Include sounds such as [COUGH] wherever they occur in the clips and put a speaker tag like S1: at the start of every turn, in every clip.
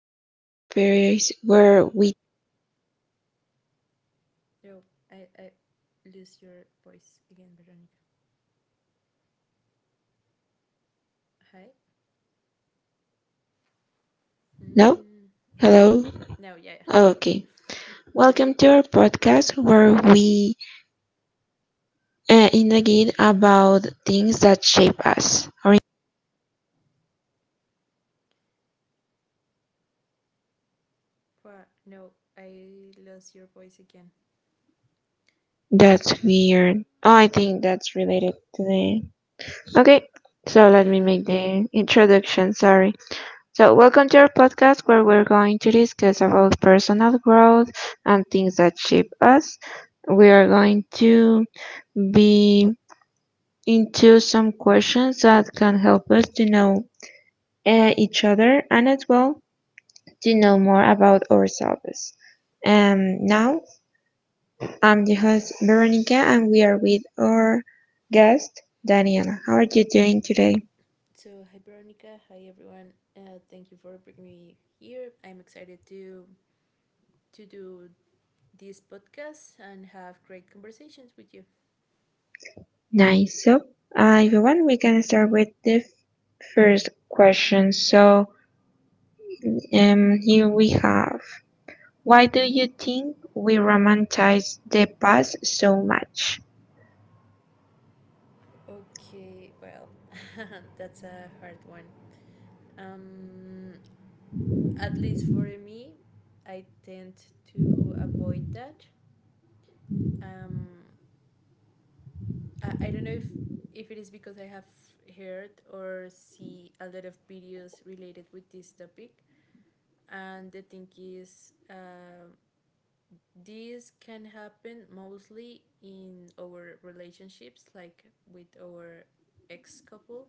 S1: podcast, I space where we.
S2: No, I lose your voice again, Veronica. Hi.
S1: No,
S2: Mm, yeah.
S1: hello.
S2: No, yeah.
S1: Oh,
S2: yeah. [LAUGHS] I-
S1: okay. Welcome to our podcast where we interrogate about things that shape us. Or
S2: No, I lost your voice again.
S1: that's weird. Oh, I think that's related to the. Okay, so let me make the introduction. Sorry. So welcome to our podcast where we're going to discuss about personal growth and things that shape us. We are going to be into some questions that can help us to know each other and as well to know more about ourselves. Now, I'm the host Veronica and we are with our guest Daniela. How are you doing today?
S2: Hi, Veronica. Hi, everyone. Thank you for bringing me here. I'm excited to do this podcast and have great conversations with you.
S1: Nice. So, if you want, we can start with the first question. So, here we have: Why do you think we romanticize the past so much?
S2: Okay, well, that's a hard one. Um, at least for me, I tend to avoid that. Um, I don't know if it is because I have heard or see a lot of videos related with this topic, and the thing is, this can happen mostly in our relationships, like with our ex couple,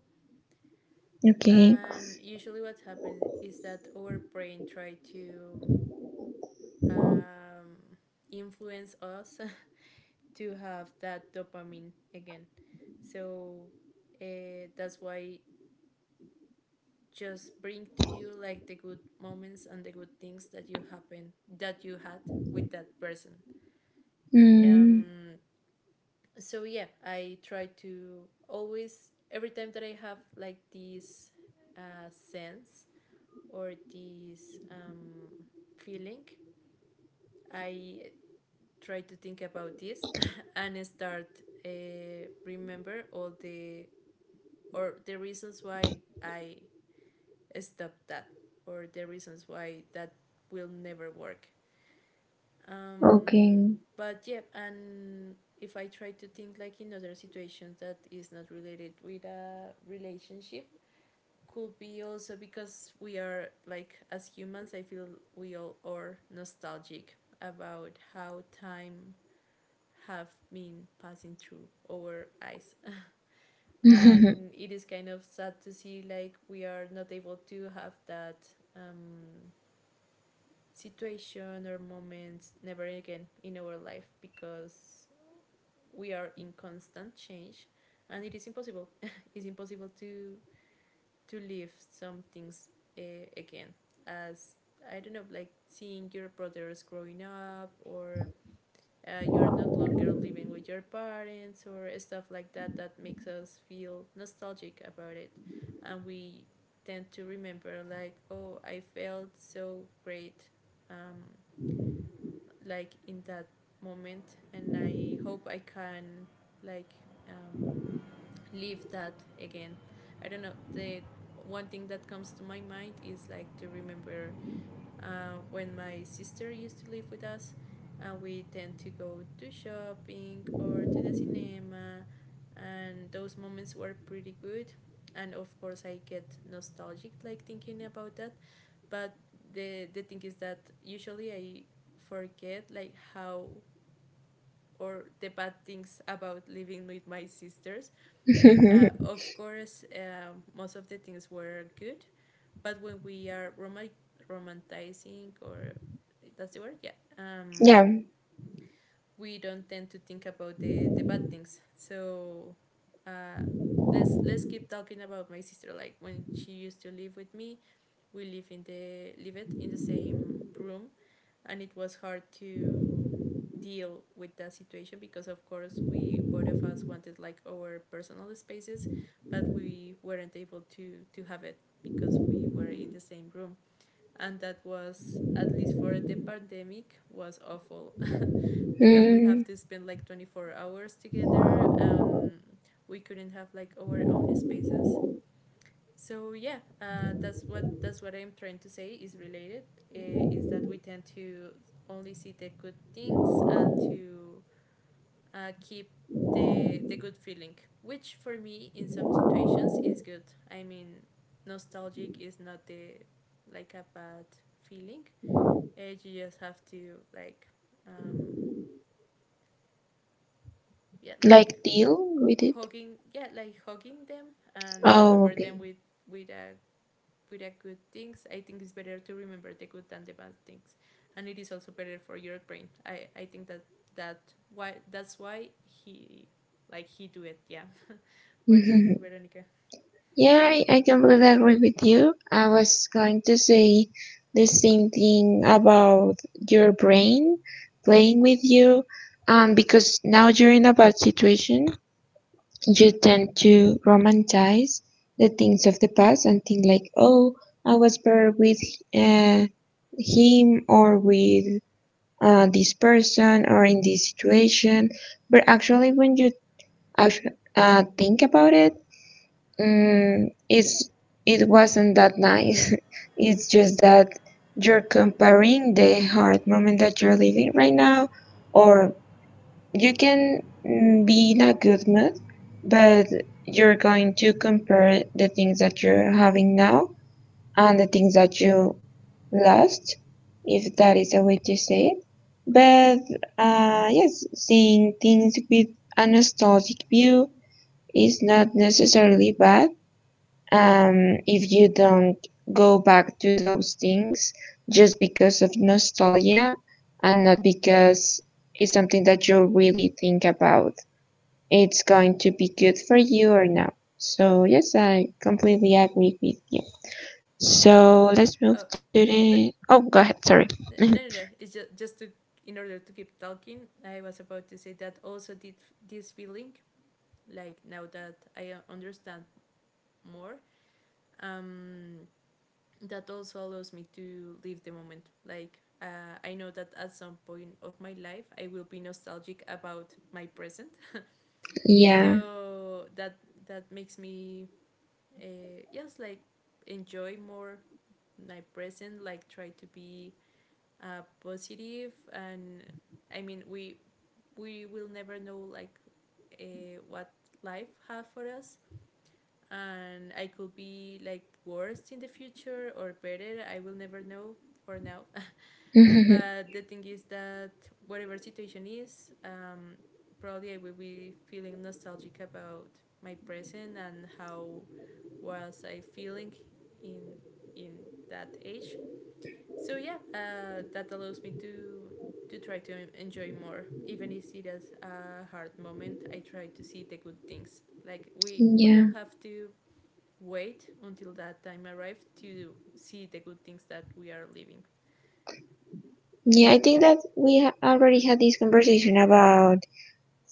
S1: Okay.
S2: and usually what happens is that our brain try to um, influence us [LAUGHS] to have that dopamine again. So that's why just bring to you like the good moments and the good things that you happen that you had with that person.
S1: Mm,
S2: Um so yeah, I try to always every time that I have like this sense or this feeling, I try to think about this [LAUGHS] and start remember all the or the reasons why I stopped that, or the reasons why that will never work. um,
S1: okay.
S2: but yeah, and if I try to think like in other situations that is not related with a relationship, could be also because we are like, as humans I feel, we all are nostalgic about how time have been passing through our eyes [LAUGHS] and
S1: [LAUGHS]
S2: it is kind of sad to see like we are not able to have that um, situation or moments never again in our life because we are in constant change, and it is impossible [LAUGHS] it's impossible to live some things uh, again. As I don't know, like seeing your brothers growing up, or you are not longer living with your parents or stuff like that, that makes us feel nostalgic about it. And we tend to remember like, oh, I felt so great um, like in that moment, and I hope I can like um, live that again. I don't know. The one thing that comes to my mind is like to remember when my sister used to live with us, and we tend to go to shopping or to the cinema, and those moments were pretty good. And of course, I get nostalgic like thinking about that. But the thing is that usually I forget like how, or the bad things about living with my sisters. Of course, most of the things were good, but when we are romanticizing, or that's the word, yeah, um,
S1: Yeah.
S2: we don't tend to think about the bad things. So uh, let's keep talking about my sister. Like when she used to live with me, we live it in the same room, and it was hard to deal with that situation because of course we both of us wanted like our personal spaces, but we weren't able to have it because we were in the same room, and that was at least for the pandemic was awful. [LAUGHS] Because we have
S1: Mm.
S2: to spend like 24 hours together and we couldn't have like our own spaces. So that's what I'm trying to say is related. Is that we tend to only see the good things and to keep the good feeling, which for me in some situations is good. I mean, nostalgic is not the like a bad feeling. You just have to like um, yeah like
S1: Like deal with it?
S2: yeah, like hugging them and
S1: Oh,
S2: remember them
S1: okay.
S2: with with a with a good things. I think it's better to remember the good than the bad things, and it is also better for your brain. I think that that why that's why he like he do it. Yeah. [LAUGHS] What do you think,
S1: [LAUGHS]
S2: Veronica?
S1: Yeah, I completely agree with you. I was going to say the same thing about your brain playing with you. Because now you're in a bad situation, you tend to romanticize the things of the past and think like, oh, I was better with uh, him or with this person or in this situation. But actually, when you actually, think about it, mm, it's it wasn't that nice. [LAUGHS] It's just that you're comparing the hard moment that you're living right now, or you can be in a good mood, but you're going to compare the things that you're having now and the things that you lust, if that is a way to say it. But yes, seeing things with a nostalgic view is not necessarily bad um, if you don't go back to those things just because of nostalgia and not because it's something that you really think about. It's going to be good for you or not. So yes, I completely agree with you.
S2: Yeah.
S1: So let's move
S2: Uh,
S1: to the.
S2: no,
S1: Oh, go ahead. Sorry. [LAUGHS]
S2: no. It's just to in order to keep talking. I was about to say that also did this feeling, like now that I understand more. Um, that also allows me to live the moment. Like, I know that at some point of my life I will be nostalgic about my present.
S1: Yeah.
S2: So that that makes me just like enjoy more my present. Like try to be positive, and I mean we will never know like what life have for us, and I could be like worse in the future or better. I will never know for now.
S1: Mhm.
S2: But the thing is that whatever situation is, probably I will be feeling nostalgic about my present and how was I feeling in in that age. So that allows me to try to enjoy more, even if it is a hard moment. I try to see the good things. Like we don't
S1: Yeah.
S2: have to wait until that time arrives to see the good things that we are living.
S1: Yeah, I think that we already had this conversation about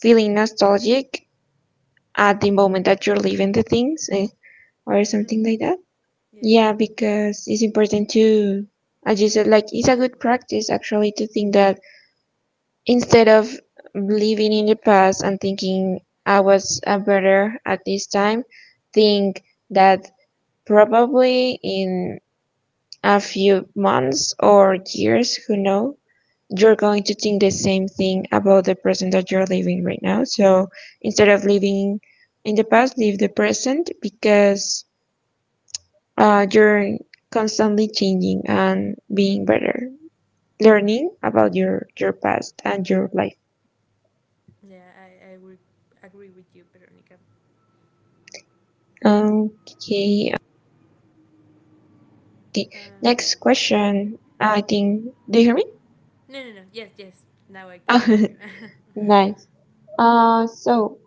S1: feeling nostalgic at the moment that you're leaving the things or something
S2: Mm-hmm.
S1: like that.
S2: Yeah.
S1: Yeah, because it's important to, as you said, like it's a good practice actually to think that instead of living in the past and thinking I was a better at this time, think that probably in a few months or years, who knows? You're going to think the same thing about the present that you're living right now. So instead of living in the past, live the present because you're constantly changing and being better, learning about your past and your life.
S2: I would agree with you, Veronica.
S1: Okay,
S2: Uh,
S1: next question. I think. Do you hear me?
S2: no. Yes, yes. Now I can hear you.
S1: [LAUGHS] Nice. So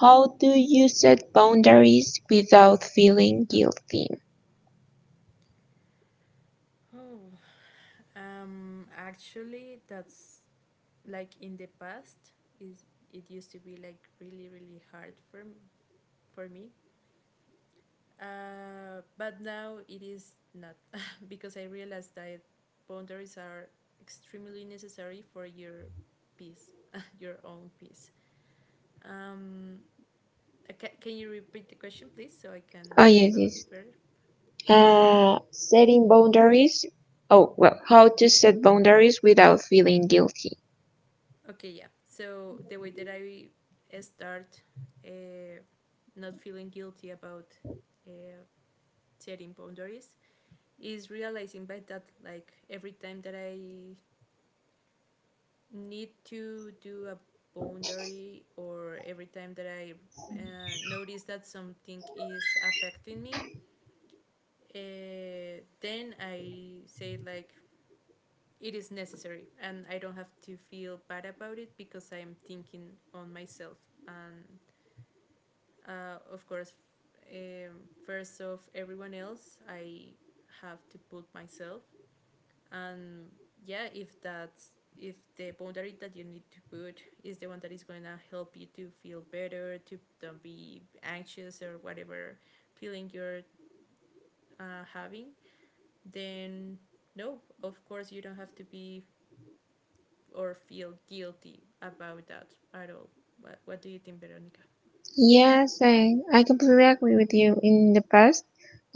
S1: how do you set boundaries without feeling guilty?
S2: [LAUGHS] Oh, actually, that's like in the past. Is it used to be like really, really hard for me. But now it is not. [LAUGHS] Because I realized that boundaries are extremely necessary for your peace, [LAUGHS] your own peace. Um, can you repeat the question, please, so I can
S1: Oh yes,
S2: develop
S1: yes.
S2: further?
S1: Setting boundaries. Oh well, how to set boundaries without feeling guilty.
S2: Okay, yeah. So the way that I start uh, not feeling guilty about uh, setting boundaries is realizing by that like every time that I need to do a boundary, or every time that I notice that something is affecting me, then I say like, it is necessary and I don't have to feel bad about it because I am thinking on myself, and of course, um, first of everyone else I have to put myself. And yeah, if that's if the boundary that you need to put is the one that is going to help you to feel better, to don't be anxious or whatever feeling you're having, then no, of course you don't have to be or feel guilty about that at all. What do you think, Veronica?
S1: Yes, I completely agree with you. In the past,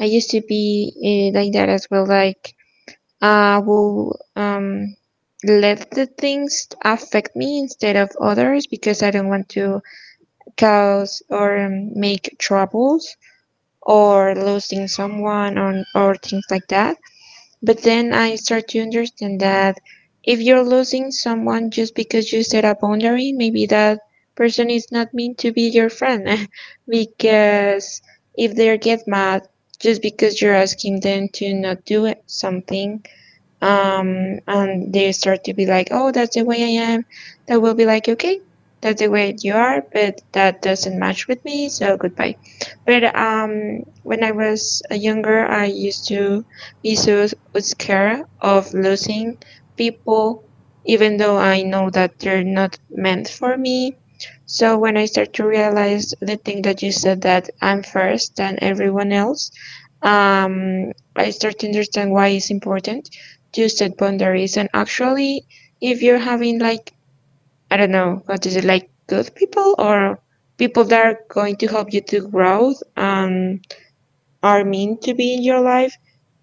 S1: I used to be like that as well. Like I will let the things affect me instead of others because I don't want to cause or make troubles or losing someone or things like that. But then I start to understand that if you're losing someone just because you set a boundary, maybe that person is not meant to be your friend [LAUGHS] because if they get mad just because you're asking them to not do something, and they start to be like, oh, that's the way I am. That will be like, okay, that's the way you are, but that doesn't match with me, so goodbye. But when I was younger, I used to be so scared of losing people, even though I know that they're not meant for me. So when I start to realize the thing that you said, that I'm first than everyone else, I start to understand why it's important you set boundaries. And actually, if you're having like, I don't know what is it, like good people or people that are going to help you to grow and are meant to be in your life,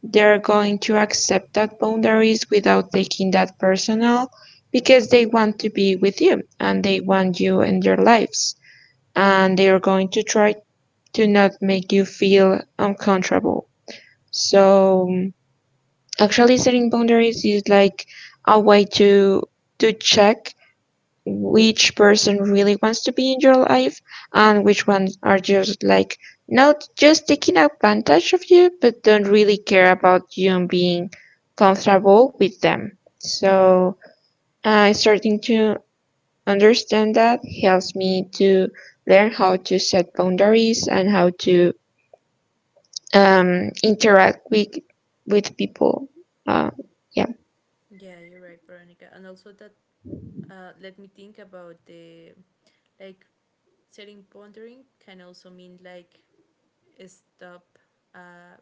S1: they're going to accept that boundaries without taking that personal, because they want to be with you and they want you in their lives, and they are going to try to not make you feel uncomfortable. So actually, setting boundaries is like a way to check which person really wants to be in your life and which ones are just like not just taking advantage of you but don't really care about you and being comfortable with them. So I starting to understand that helps me to learn how to set boundaries and how to interact with people. Uh, yeah.
S2: Yeah, you're right, Veronica. And also that let me think about the like setting pondering can also mean like stop a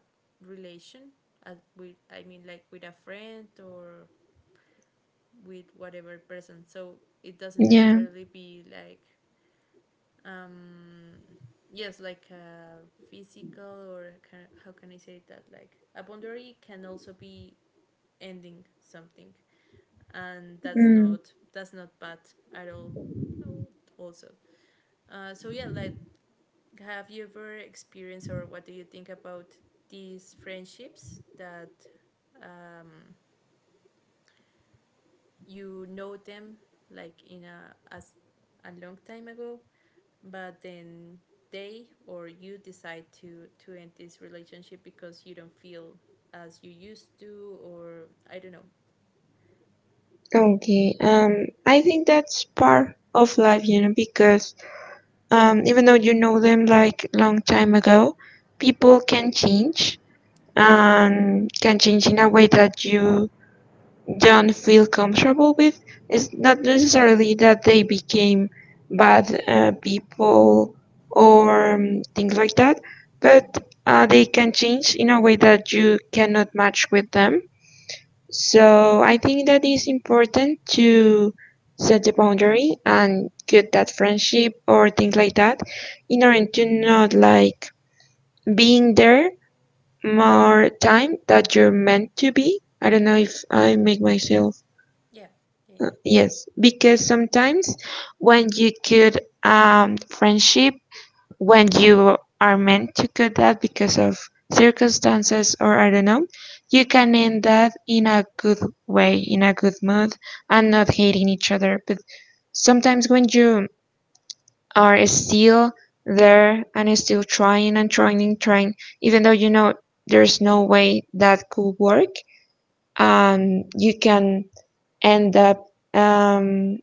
S2: relation as with, I mean, like with a friend or with whatever person. So it doesn't
S1: Yeah.
S2: necessarily be like um yes, like a physical, or can, how can I say that, like a boundary can also be ending something, and
S1: Mm,
S2: that's not bad at all. Also, uh, so yeah like have you ever experienced, or what do you think about these friendships that um, you know them like in a as a long time ago, but then they or you decide to end this relationship because you don't feel as you used to, or I don't know.
S1: okay. I think that's part of life, because even though you know them like long time ago, people can change and can change in a way that you don't feel comfortable with. It's not necessarily that they became bad people or things like that, but they can change in a way that you cannot match with them. So I think that is important to set the boundary and cut that friendship or things like that in order to not like being there more time that you're meant to be. I don't know if I make myself.
S2: yeah yeah
S1: Yes because sometimes when you cut friendship, when you are meant to cut that because of circumstances or I don't know, you can end that in a good way, in a good mood, and not hating each other. But sometimes when you are still there and still trying and trying and trying, even though you know there's no way that could work, you can end up um,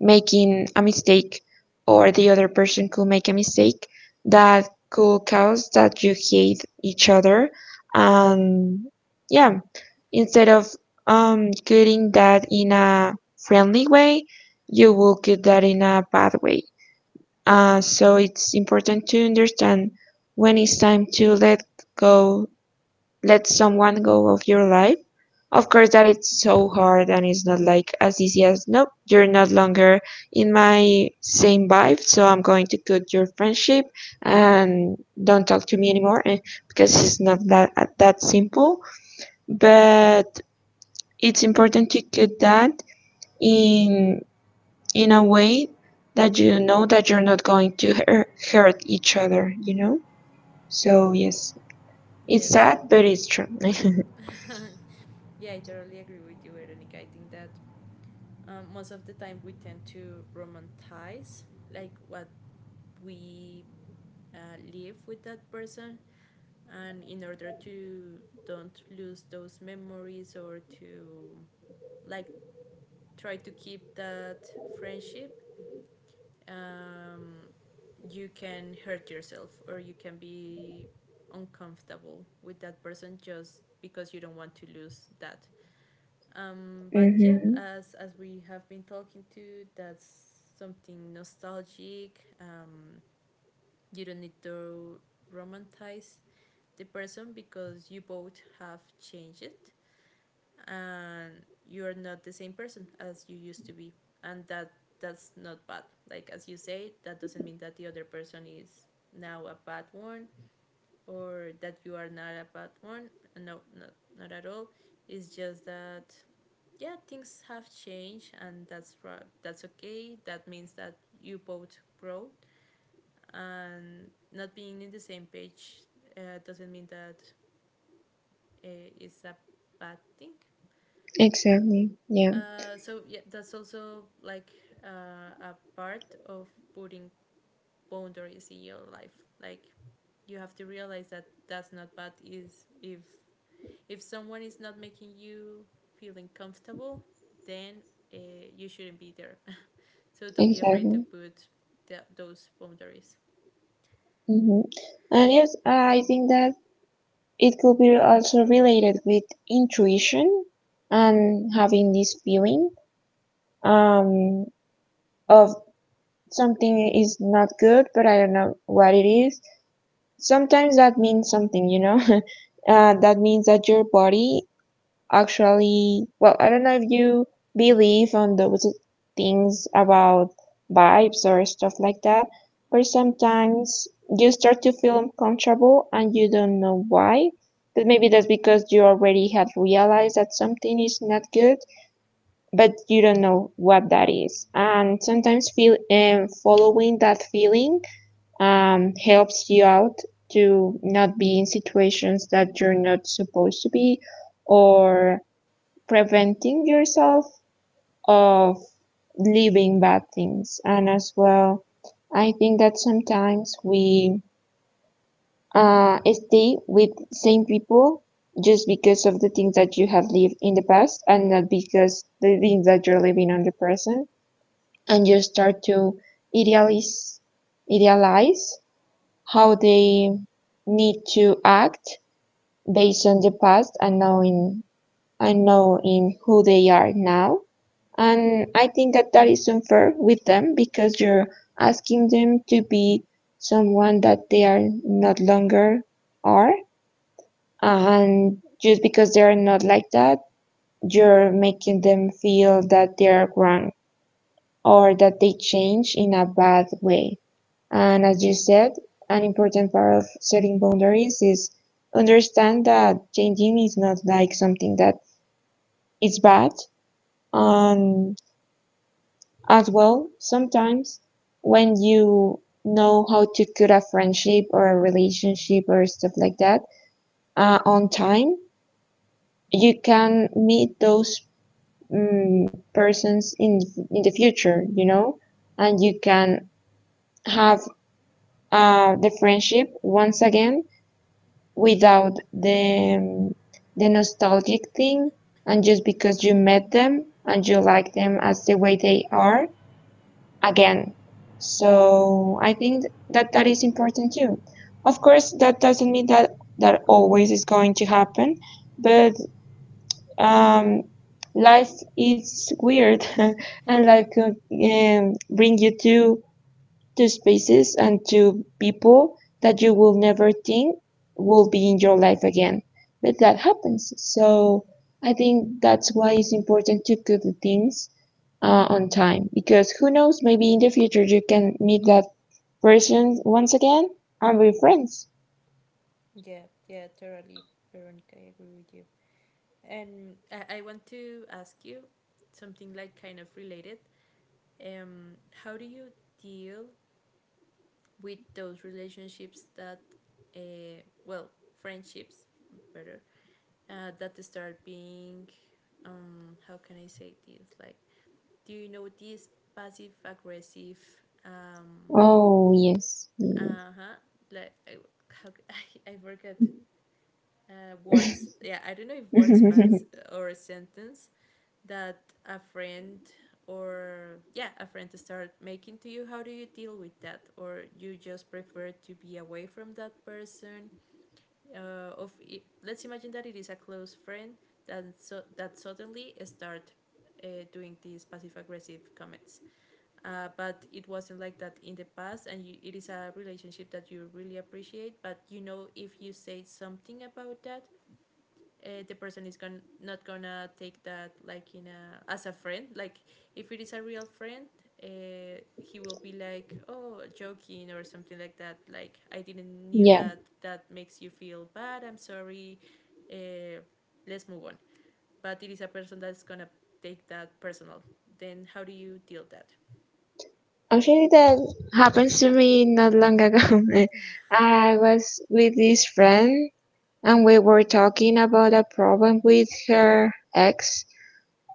S1: making a mistake or the other person could make a mistake that could cause that you hate each other. And, yeah, instead of cutting that in a friendly way, you will cut that in a bad way. So it's important to understand when it's time to go let someone go of your life. Of course, that it's so hard and it's not like as easy as, nope, you're not longer in my same vibe, so I'm going to cut your friendship and don't talk to me anymore, because it's not that that simple. But it's important to cut that in in a way that you know that you're not going to hurt each other, you know? So, yes, it's
S2: yes.
S1: sad, but it's true. [LAUGHS]
S2: [LAUGHS] Yeah, I totally agree with you, Veronica. I think that most of the time we tend to romanticize like what we uh, live with that person, and in order to don't lose those memories, or to like try to keep that friendship, um, you can hurt yourself, or you can be uncomfortable with that person just because you don't want to lose that. But yeah,
S1: Hmm.
S2: as we have been talking to, that's something nostalgic. You don't need to romanticize the person because you both have changed, and you're not the same person as you used to be, and that's not bad. Like as you say, that doesn't mean that the other person is now a bad one, or that you are not a bad one. No, not at all. It's just that yeah, things have changed, and that's right. That's okay. That means that you both grow, and not being in the same page doesn't mean that it's a bad thing.
S1: Exactly. Yeah,
S2: That's also like a part of putting boundaries in your life. Like you have to realize that that's not bad is if if someone is not making you feeling comfortable, then uh, you shouldn't be there. [LAUGHS] So don't be afraid to
S1: exactly.
S2: put those boundaries.
S1: Hmm. And yes, I think that it could be also related with intuition and having this feeling um, of something is not good, but I don't know what it is. Sometimes that means something, you know? [LAUGHS] That means that your body actually, well, I don't know if you believe on those things about vibes or stuff like that, but sometimes you start to feel uncomfortable and you don't know why, but maybe that's because you already had realized that something is not good, but you don't know what that is. And sometimes feel following that feeling helps you out to not be in situations that you're not supposed to be, or preventing yourself of leaving bad things. And as well, I think that sometimes we stay with same people just because of the things that you have lived in the past and not because the things that you're living on the present. And you start to idealize idealize how they need to act based on the past and knowing who they are now. And I think that that is unfair with them because you're asking them to be someone that they are not longer are. And just because they are not like that, you're making them feel that they are wrong or that they change in a bad way. And as you said, an important part of setting boundaries is understand that changing is not like something that is bad. And as well, sometimes when you know how to cut a friendship or a relationship or stuff like that on time, you can meet those persons in the future, and you can have the friendship once again without the nostalgic thing, and just because you met them and you like them as the way they are, again. So I think that that is important too. Of course, that doesn't mean that that always is going to happen, but um, life is weird, [LAUGHS] and life could bring you to spaces and to people that you will never think will be in your life again. But that happens. So I think that's why it's important to do the things on time because who knows, maybe in the future you can meet that person once again and be friends.
S2: Yeah, yeah, totally, Veronica. I agree with you. And I want to ask you something like kind of related. Um, how do you deal with those relationships that, well, friendships, better, that start being, how can I say this, like do you know this passive aggressive um
S1: Oh, yes.
S2: uh-huh like how, I, [LAUGHS] I forgot
S1: Yes.
S2: words, yeah, I don't know if words but
S1: [LAUGHS]
S2: or a sentence that a friend or, yeah, a friend start making to you? How do you deal with that, or you just prefer to be away from that person? uh, of it, let's imagine that it is a close friend that, so that suddenly start uh, doing these passive aggressive comments, but it wasn't like that in the past and you, it is a relationship that you really appreciate, but you know, if you say something about that, the person is going, not gonna take that like in a, as a friend, like if it is a real friend, he will be like, oh, joking or something like that, like I didn't knew
S1: Yeah,
S2: that that makes you feel bad, I'm sorry, uh, let's move on. But it is a person that's gonna take that personal, then how do you deal that?
S1: actually, that happens to me not long ago. [LAUGHS] I was with this friend. And we were talking about a problem with her ex.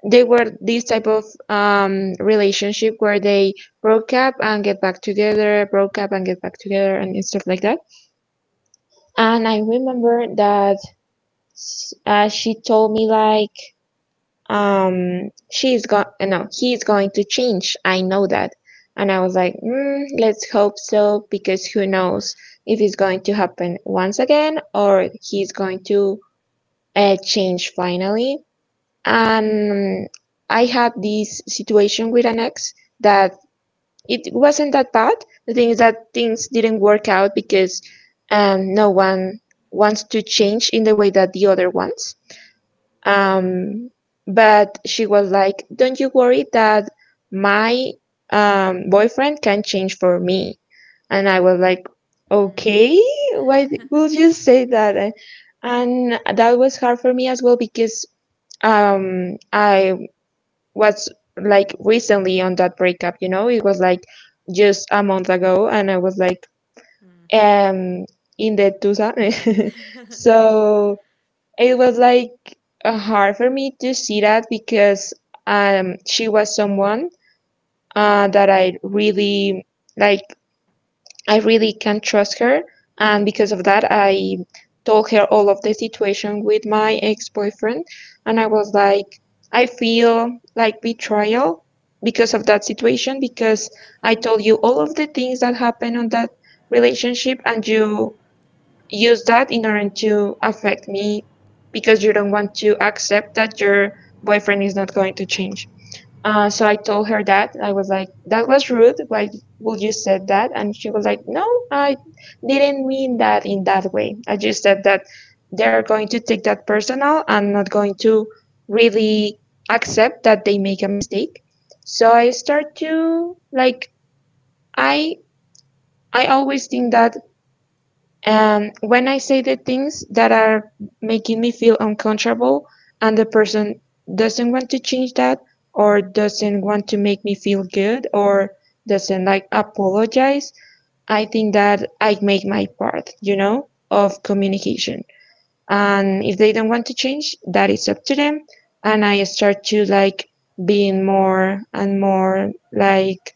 S1: They were this type of relationship where they broke up and get back together, broke up and get back together, and stuff like that. And I remember that she told me like, she's going, no, he's going to change. I know that, and I was like, mm, let's hope so because who knows if it's going to happen once again or he's going to change finally. And I had this situation with an ex that it wasn't that bad. The thing is that things didn't work out because no one wants to change in the way that the other wants. Um, but she was like, "Don't you worry that my boyfriend can change for me," and I was like,
S2: Mm.
S1: "Okay, why would you say that?" And that was hard for me as well because I was like recently on that breakup, It was like just a month ago and I was like
S2: Mm,
S1: um in the 2000. [LAUGHS]
S2: [LAUGHS] yeah,
S1: So it was like hard for me to see that because she was someone that I really like, I really can't trust her. And because of that, I told her all of the situation with my ex boyfriend. And I was like, I feel like betrayal because of that situation, because I told you all of the things that happened on that relationship and you use that in order to affect me because you don't want to accept that your boyfriend is not going to change. So I told her that, I was like, "That was rude. Why would you said that?" And she was like, "No, I didn't mean that in that way. I just said that they're going to take that personal and not going to really accept that they make a mistake." So I start to like I I always think that when I say the things that are making me feel uncomfortable and the person doesn't want to change that, or doesn't want to make me feel good, or doesn't like apologize, I think that I make my part, you know, of communication. And if they don't want to change, that is up to them. And I start to like being more and more like,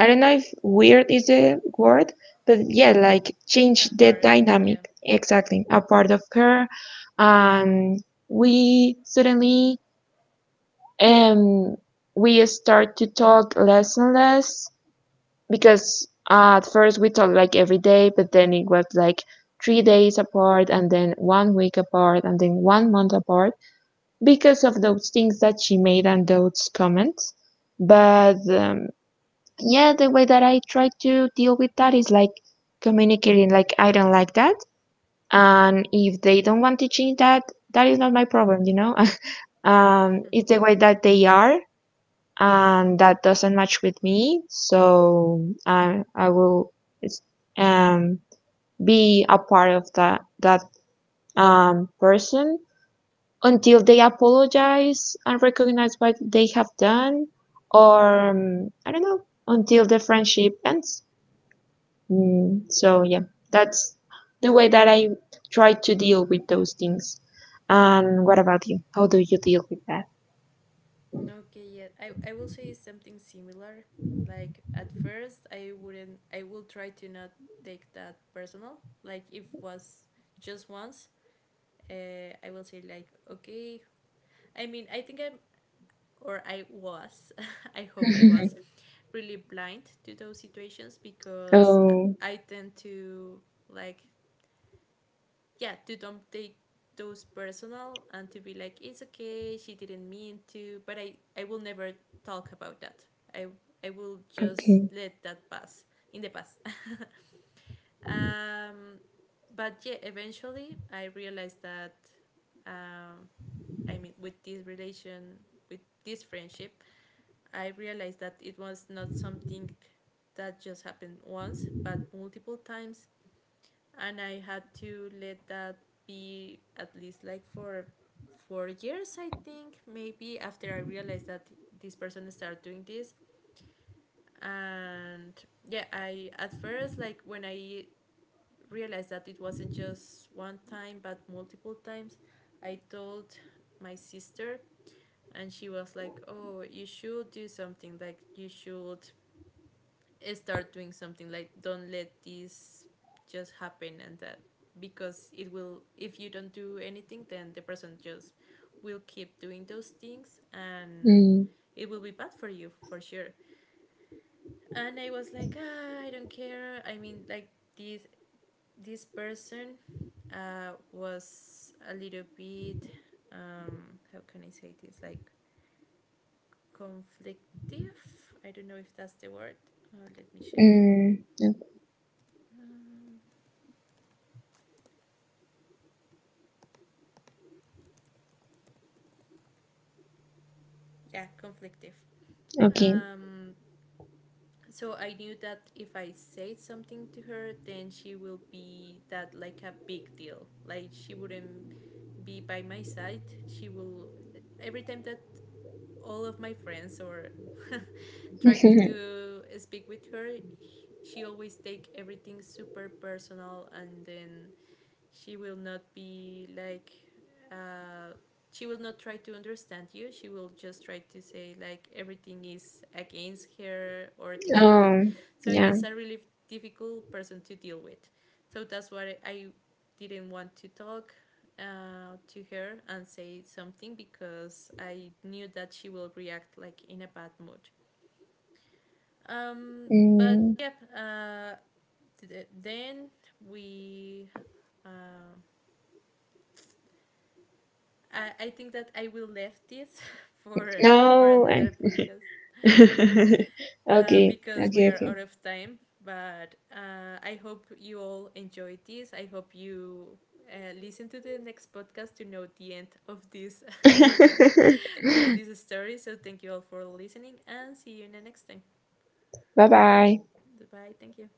S1: I don't know if weird is the word, but yeah, like change the
S2: apart.
S1: dynamic,
S2: Yeah.
S1: exactly, a part of her, and we suddenly um we start to talk less and less because at first we talked like every day, but then it was like 3 days apart and then 1 week apart and then 1 month apart because of those things that she made and those comments. But yeah, the way that I try to deal with that is like communicating, like, I don't like that. And if they don't want to change that, that is not my problem, you know? [LAUGHS] It's the way that they are, and that doesn't match with me. So I will um, be a part of that, that person until they apologize and recognize what they have done, or I don't know, until the friendship ends. Mm, so yeah, that's the way that I try to deal with those things. And what about you? How do you deal with that?
S2: Okay. Yeah. I will say something similar. Like at first, I wouldn't. I will try to not take that personal. Like if was just once, I will say like, okay. I mean, I think I'm or I was. [LAUGHS] I hope I was really blind to those situations
S1: [LAUGHS]
S2: because
S1: Oh,
S2: I tend to like, yeah, to don't take those personal and to be like, it's okay, she didn't mean to, but I will never talk about that. i I will just
S1: okay.
S2: let that pass in the past. [LAUGHS] Um, but yeah, eventually I realized that, um, I mean, with this relation, with this friendship, I realized that it was not something that just happened once but multiple times, and I had to let that be at least like for 4 years, I think, maybe after I realized that this person started doing this. And yeah, I at first, like when I realized that it wasn't just one time but multiple times, I told my sister, and she was like, oh, you should do something, like, you should start doing something like, don't let this just happen, and that because it will, if you don't do anything, then the person just will keep doing those things, and
S1: Mm,
S2: it will be bad for you for sure. And I was like, ah, I don't care. I mean, like, this this person was a little bit, how can I say this, like, conflictive, I don't know if that's the word. Let me check.
S1: mm,
S2: um, yeah, conflictive.
S1: okay.
S2: um, so I knew that if I said something to her, then she will be that like a big deal, like she wouldn't be by my side. She will, every time that all of my friends or [LAUGHS] try
S1: [LAUGHS]
S2: to speak with her, she always take everything super personal, and then she will not be like, uh, she will not try to understand you, she will just try to say like everything is against her or things like that.
S1: um,
S2: So
S1: yeah.
S2: it's a really difficult person to deal with. So that's why I didn't want to talk to her and say something, because I knew that she will react like in a bad mood. um, but
S1: Mm,
S2: yeah, then we, uh, I think that I will leave this [LAUGHS] for for
S1: no.
S2: another
S1: I
S2: podcast,
S1: [LAUGHS] okay.
S2: because we
S1: Okay.
S2: are
S1: Okay.
S2: out of time. But I hope you all enjoyed this. I hope you listen to the next podcast to know the end of this
S1: [LAUGHS]
S2: [LAUGHS] of this story. So thank you all for listening and see you in the next time.
S1: Bye bye.
S2: Bye. Thank you.